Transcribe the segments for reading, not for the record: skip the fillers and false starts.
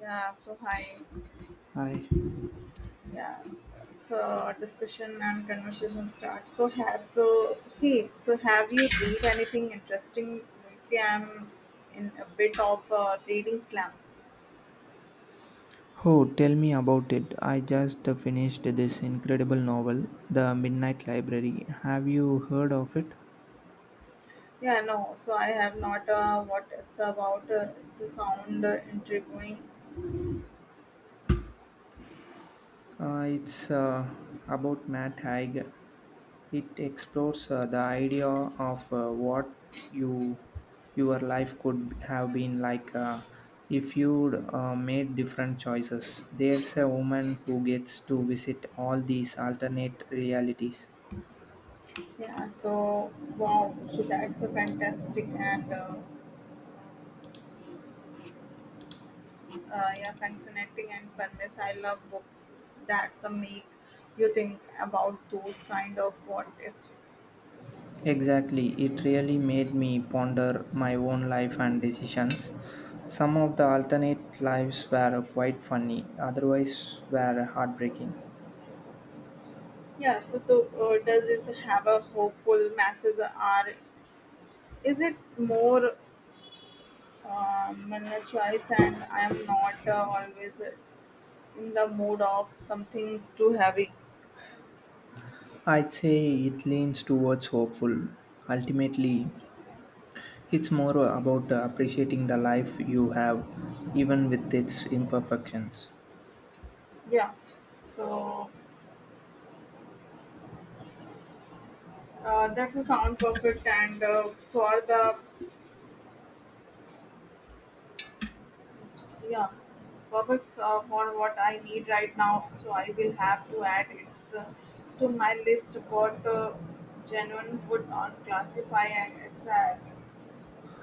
Yeah, so hi. Hi. Yeah, so our discussion and conversation start. So have you read anything interesting lately? I'm in a bit of a reading slump. Oh, tell me about it. I just finished this incredible novel, The Midnight Library. Have you heard of it? Yeah, no, so I have not. What it's about? It's a sound intriguing. It's about Matt Haig. It explores the idea of what you your life could have been like if you'd made different choices. There's a woman who gets to visit all these alternate realities. Yeah, so wow, so that's a fantastic and yeah, fascinating and furnace. I love books. That's a make you think about those kind of what ifs. Exactly. It really made me ponder my own life and decisions. Some of the alternate lives were quite funny, otherwise, were heartbreaking. Yeah, so to, does this have a hopeful masses are? Is it more my choice and I am not always in the mood of something too heavy? I'd say it leans towards hopeful. Ultimately, it's more about appreciating the life you have, even with its imperfections. Yeah, so that's a sound perfect and for the yeah perfect for what I need right now. So I will have to add it to my list. What genuine would on classify and it's as.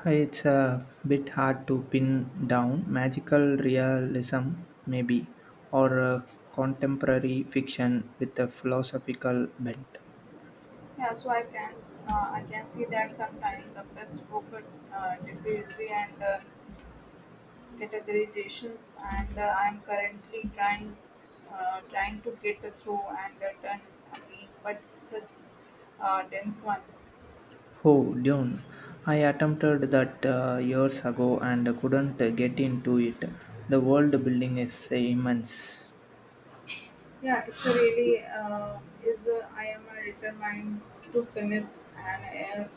It's a bit hard to pin down. Magical realism, maybe, or a contemporary fiction with a philosophical bent. Yeah, so I can see that sometimes the best book diffuse and categorizations, and I'm currently trying to get through and done again, but it's a dense one. Oh, Dune. I attempted that years ago and couldn't get into it. The world building is immense. Yeah, it's a really is a, I am a determined to finish and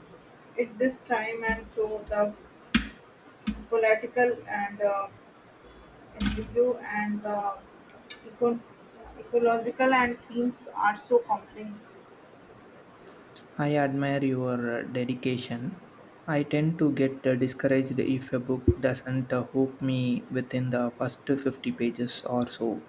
it this time and through the political and interview and the eco- ecological and themes are so compelling. I admire your dedication. I tend to get discouraged if a book doesn't hook me within the first 50 pages or so.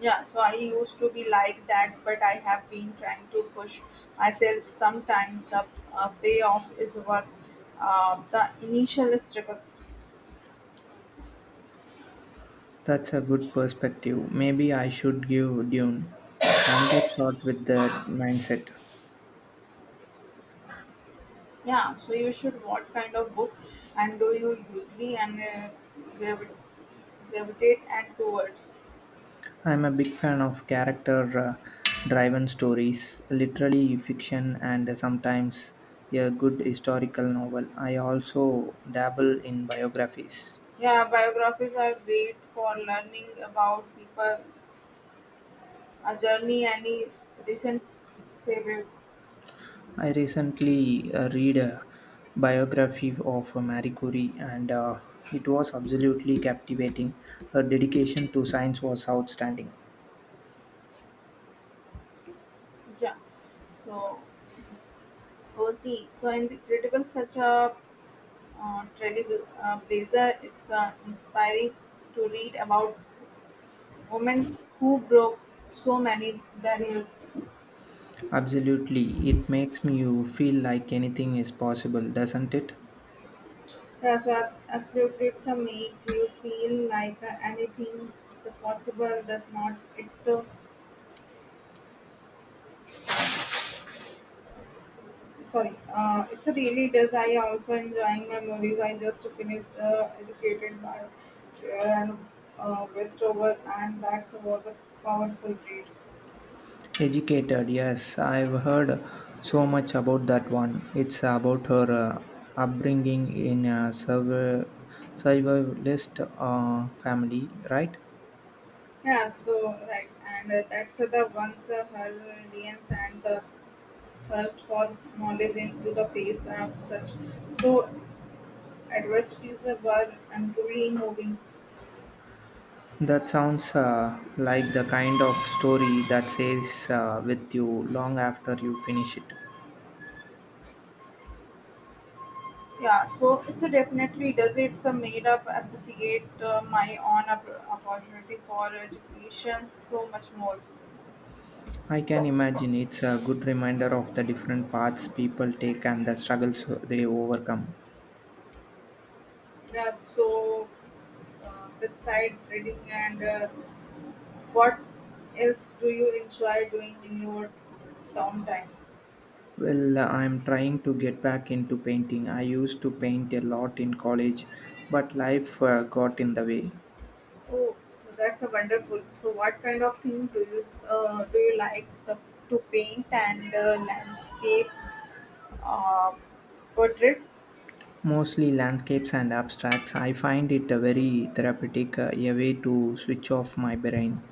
Yeah, so I used to be like that, but I have been trying to push myself. Sometimes the payoff is worth the initial struggles. That's a good perspective. Maybe I should give Dune another shot with that mindset. Yeah, so you should what kind of book and do you usually and gravi- gravitate and towards? I'm a big fan of character driven stories, literally fiction, and sometimes a good historical novel. I also dabble in biographies. Yeah, biographies are great for learning about people, a journey, any recent favorites. I recently read a biography of Marie Curie, and it was absolutely captivating. Her dedication to science was outstanding. Yeah. So cozy. So incredible such a trailblazer. Blazer. It's inspiring to read about women who broke so many barriers. Absolutely. It makes me you feel like anything is possible, doesn't it? Yeah, so absolutely, it's a make you feel like anything is possible. Does not it? Sorry, it's a really does. I also enjoying memories. I just finished educated by Kieran Westover, and that was a powerful read. Educated, yes. I've heard so much about that one. It's about her upbringing in a survivalist family, right? Yeah, so right, and that's the once her resilience and the thirst for knowledge into the face of such so adversities were and truly moving. That sounds like the kind of story that stays with you long after you finish it. Yeah, so it's a definitely does. It's a made up appreciate my own opportunity for education so much more. I can imagine it's a good reminder of the different paths people take and the struggles they overcome. Yeah, so beside reading and what else do you enjoy doing in your downtime? Well, I'm trying to get back into painting. I used to paint a lot in college, but life got in the way. Oh, so that's a wonderful. So what kind of thing do you like the, to paint and landscape uh, portraits? Mostly landscapes and abstracts. I find it a very therapeutic, a way to switch off my brain.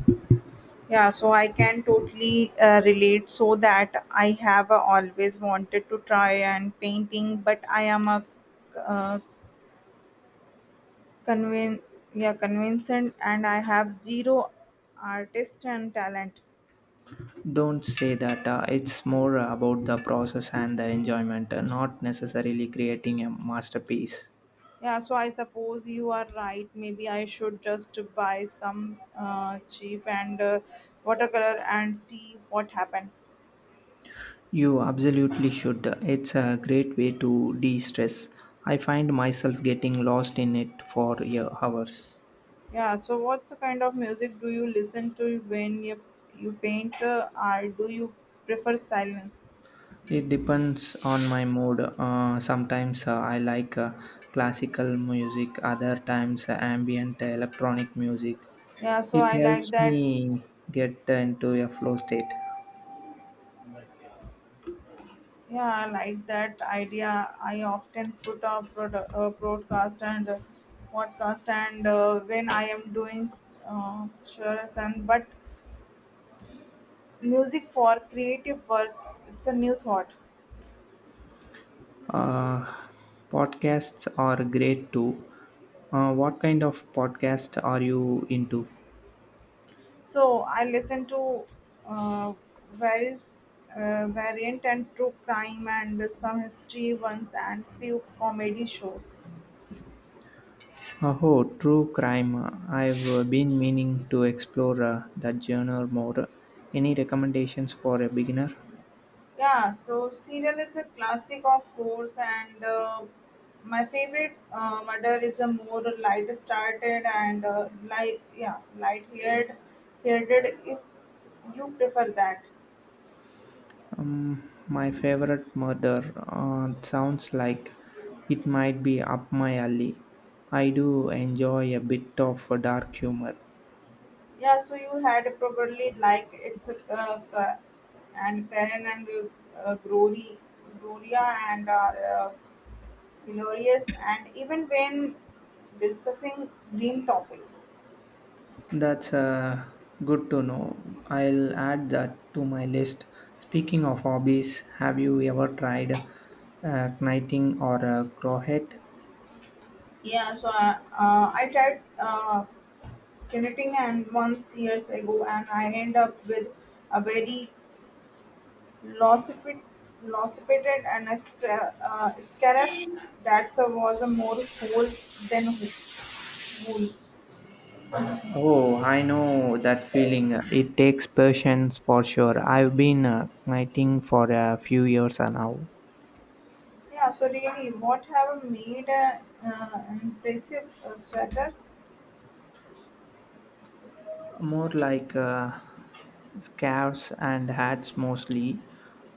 Yeah, so I can totally relate. So that I have always wanted to try and painting, but I am a uh, convin yeah convinced and I have zero artist and talent. Don't say that. It's more about the process and the enjoyment, not necessarily creating a masterpiece. Yeah, so I suppose you are right. Maybe I should just buy some cheap and watercolor and see what happened. You absolutely should. It's a great way to de stress. I find myself getting lost in it for hours. Yeah, so what's the kind of music do you listen to when you paint, or do you prefer silence? It depends on my mood. Sometimes I like classical music, other times ambient electronic music. Yeah, so It I like helps that. me get into a flow state. Yeah, I like that idea. I often put up broadcast and podcast, and when I am doing chores and but music for creative work, it's a new thought. Uh, Podcasts are great too. What kind of podcast are you into? So I listen to uh, various variant and true crime and some history ones and few comedy shows. Oh, true crime. I've been meaning to explore that genre more. Any recommendations for a beginner? Yeah, so serial is a classic, of course, and my favorite murder is a more light-started and light-haired, headed if you prefer that. My favorite murder sounds like it might be up my alley. I do enjoy a bit of dark humor. Yeah, so you had probably like it's a and Karen and uh, Glory, Gloria and are hilarious, and even when discussing grim topics. That's good to know. I'll add that to my list. Speaking of hobbies, have you ever tried knighting or crochet? Yeah, so I tried. Knitting and once years ago and I end up with a very lopsided lopsided and extra scarab that was a more whole than wool. Oh, I know that feeling. It takes patience for sure. I've been knighting for a few years now. Yeah, so really, what have made a impressive sweater? More like scarves and hats mostly.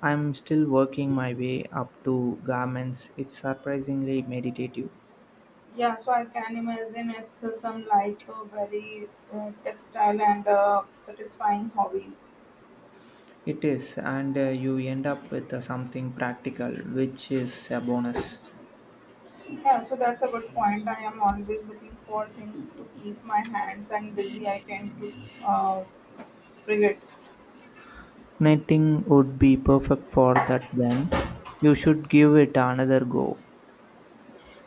I'm still working my way up to garments. It's surprisingly meditative. Yeah, so I can imagine it's some like very textile and satisfying hobbies. It is, and you end up with something practical, which is a bonus. Yeah, so that's a good point. I am always looking for things to keep my hands and busy. I tend to uh, forget. Knitting would be perfect for that then. You should give it another go.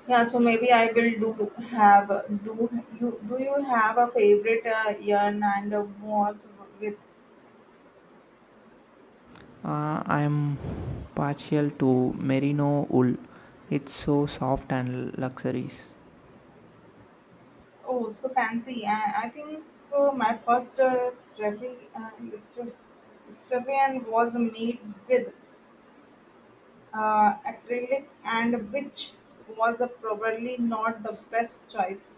Yeah, so maybe I will do have do you have a favorite yarn and a work with? I'm partial to merino wool. It's so soft and luxurious. Oh, so fancy! I think my first scruff- scruffian was made with acrylic, and which was probably not the best choice.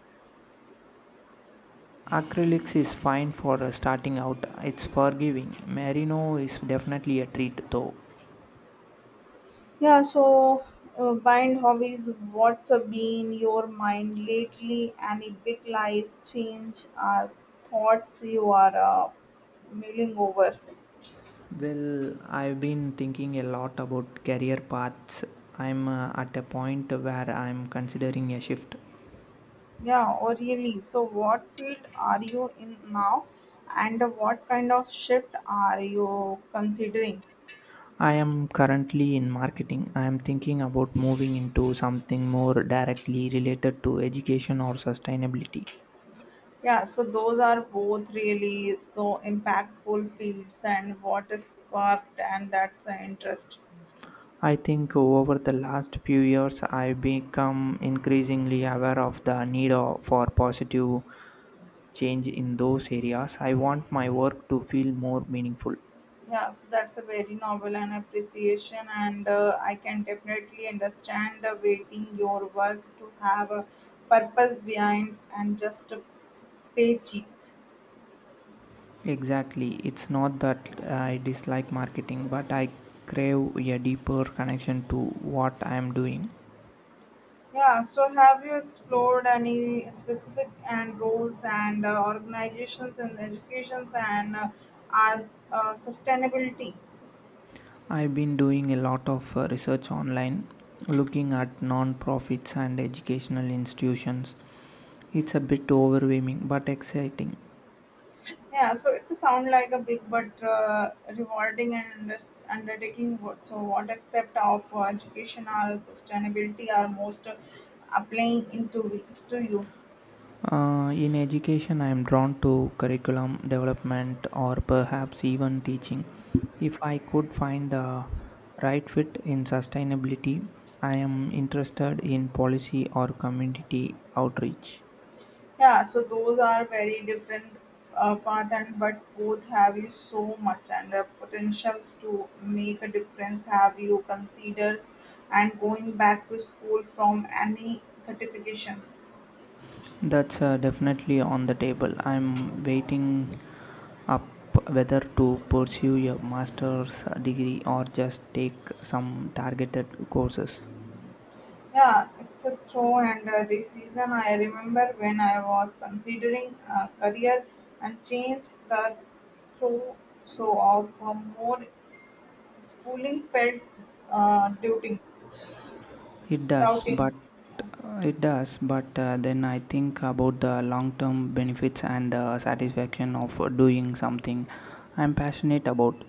Acrylics is fine for starting out. It's forgiving. Merino is definitely a treat though. Yeah, so bind hobbies, what's been your mind lately? Any big life change or thoughts you are mulling over? Well, I've been thinking a lot about career paths. I'm at a point where I'm considering a shift. Yeah, or really. So, what field are you in now, and what kind of shift are you considering? I am currently in marketing. I am thinking about moving into something more directly related to education or sustainability. Yeah, so those are both really so impactful fields, and what is sparked and that's the interest. I think over the last few years, I've become increasingly aware of the for positive change in those areas. I want my work to feel more meaningful. Yeah, so that's a very novel and appreciation, and I can definitely understand waiting your work to have a purpose behind and just a paycheck. Exactly. It's not that I dislike marketing, but I crave a deeper connection to what I am doing. Yeah, so have you explored any specific and roles and organizations and educations and our sustainability? I've been doing a lot of research online, looking at non-profits and educational institutions. It's a bit overwhelming but exciting. Yeah, so it sounds like a big but rewarding and undertaking. What So, what aspect of education or sustainability are most applying into we- to you? In education, I am drawn to curriculum development or perhaps even teaching. If I could find the right fit in sustainability, I am interested in policy or community outreach. Yeah, so those are very different path, and but both have you so much and potentials to make a difference. Have you considered and going back to school from any certifications? That's definitely on the table. I'm waiting up whether to pursue a master's degree or just take some targeted courses. Yeah, except throw and the season I remember when I was considering a career and changed the throw so of more schooling felt uh, doubting, It does, doubting. but it does, but then I think about the long-term benefits and the satisfaction of doing something I'm passionate about.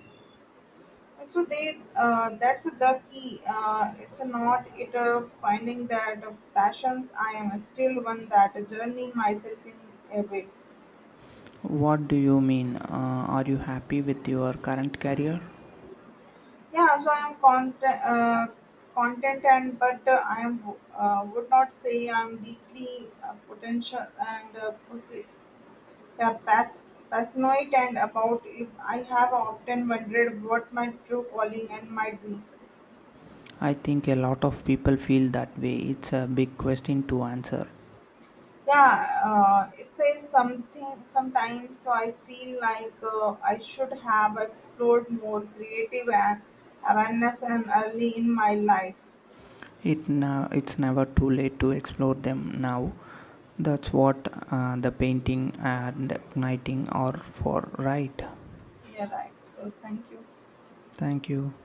So they that's the key. It's not it finding that passions. I am still one that journey myself in a way. What do you mean? Are you happy with your current career? Yeah, so I'm content, and but I am would not say I'm deeply potential and yeah, pass, paranoid and about if I have often wondered what my true calling and might be. I think a lot of people feel that way. It's a big question to answer. Yeah, it says something sometimes. So I feel like I should have explored more creative awareness and early in my life. It now it's never too late to explore them now. That's what the painting and knitting are for, right? Yeah, right. So thank you. Thank you.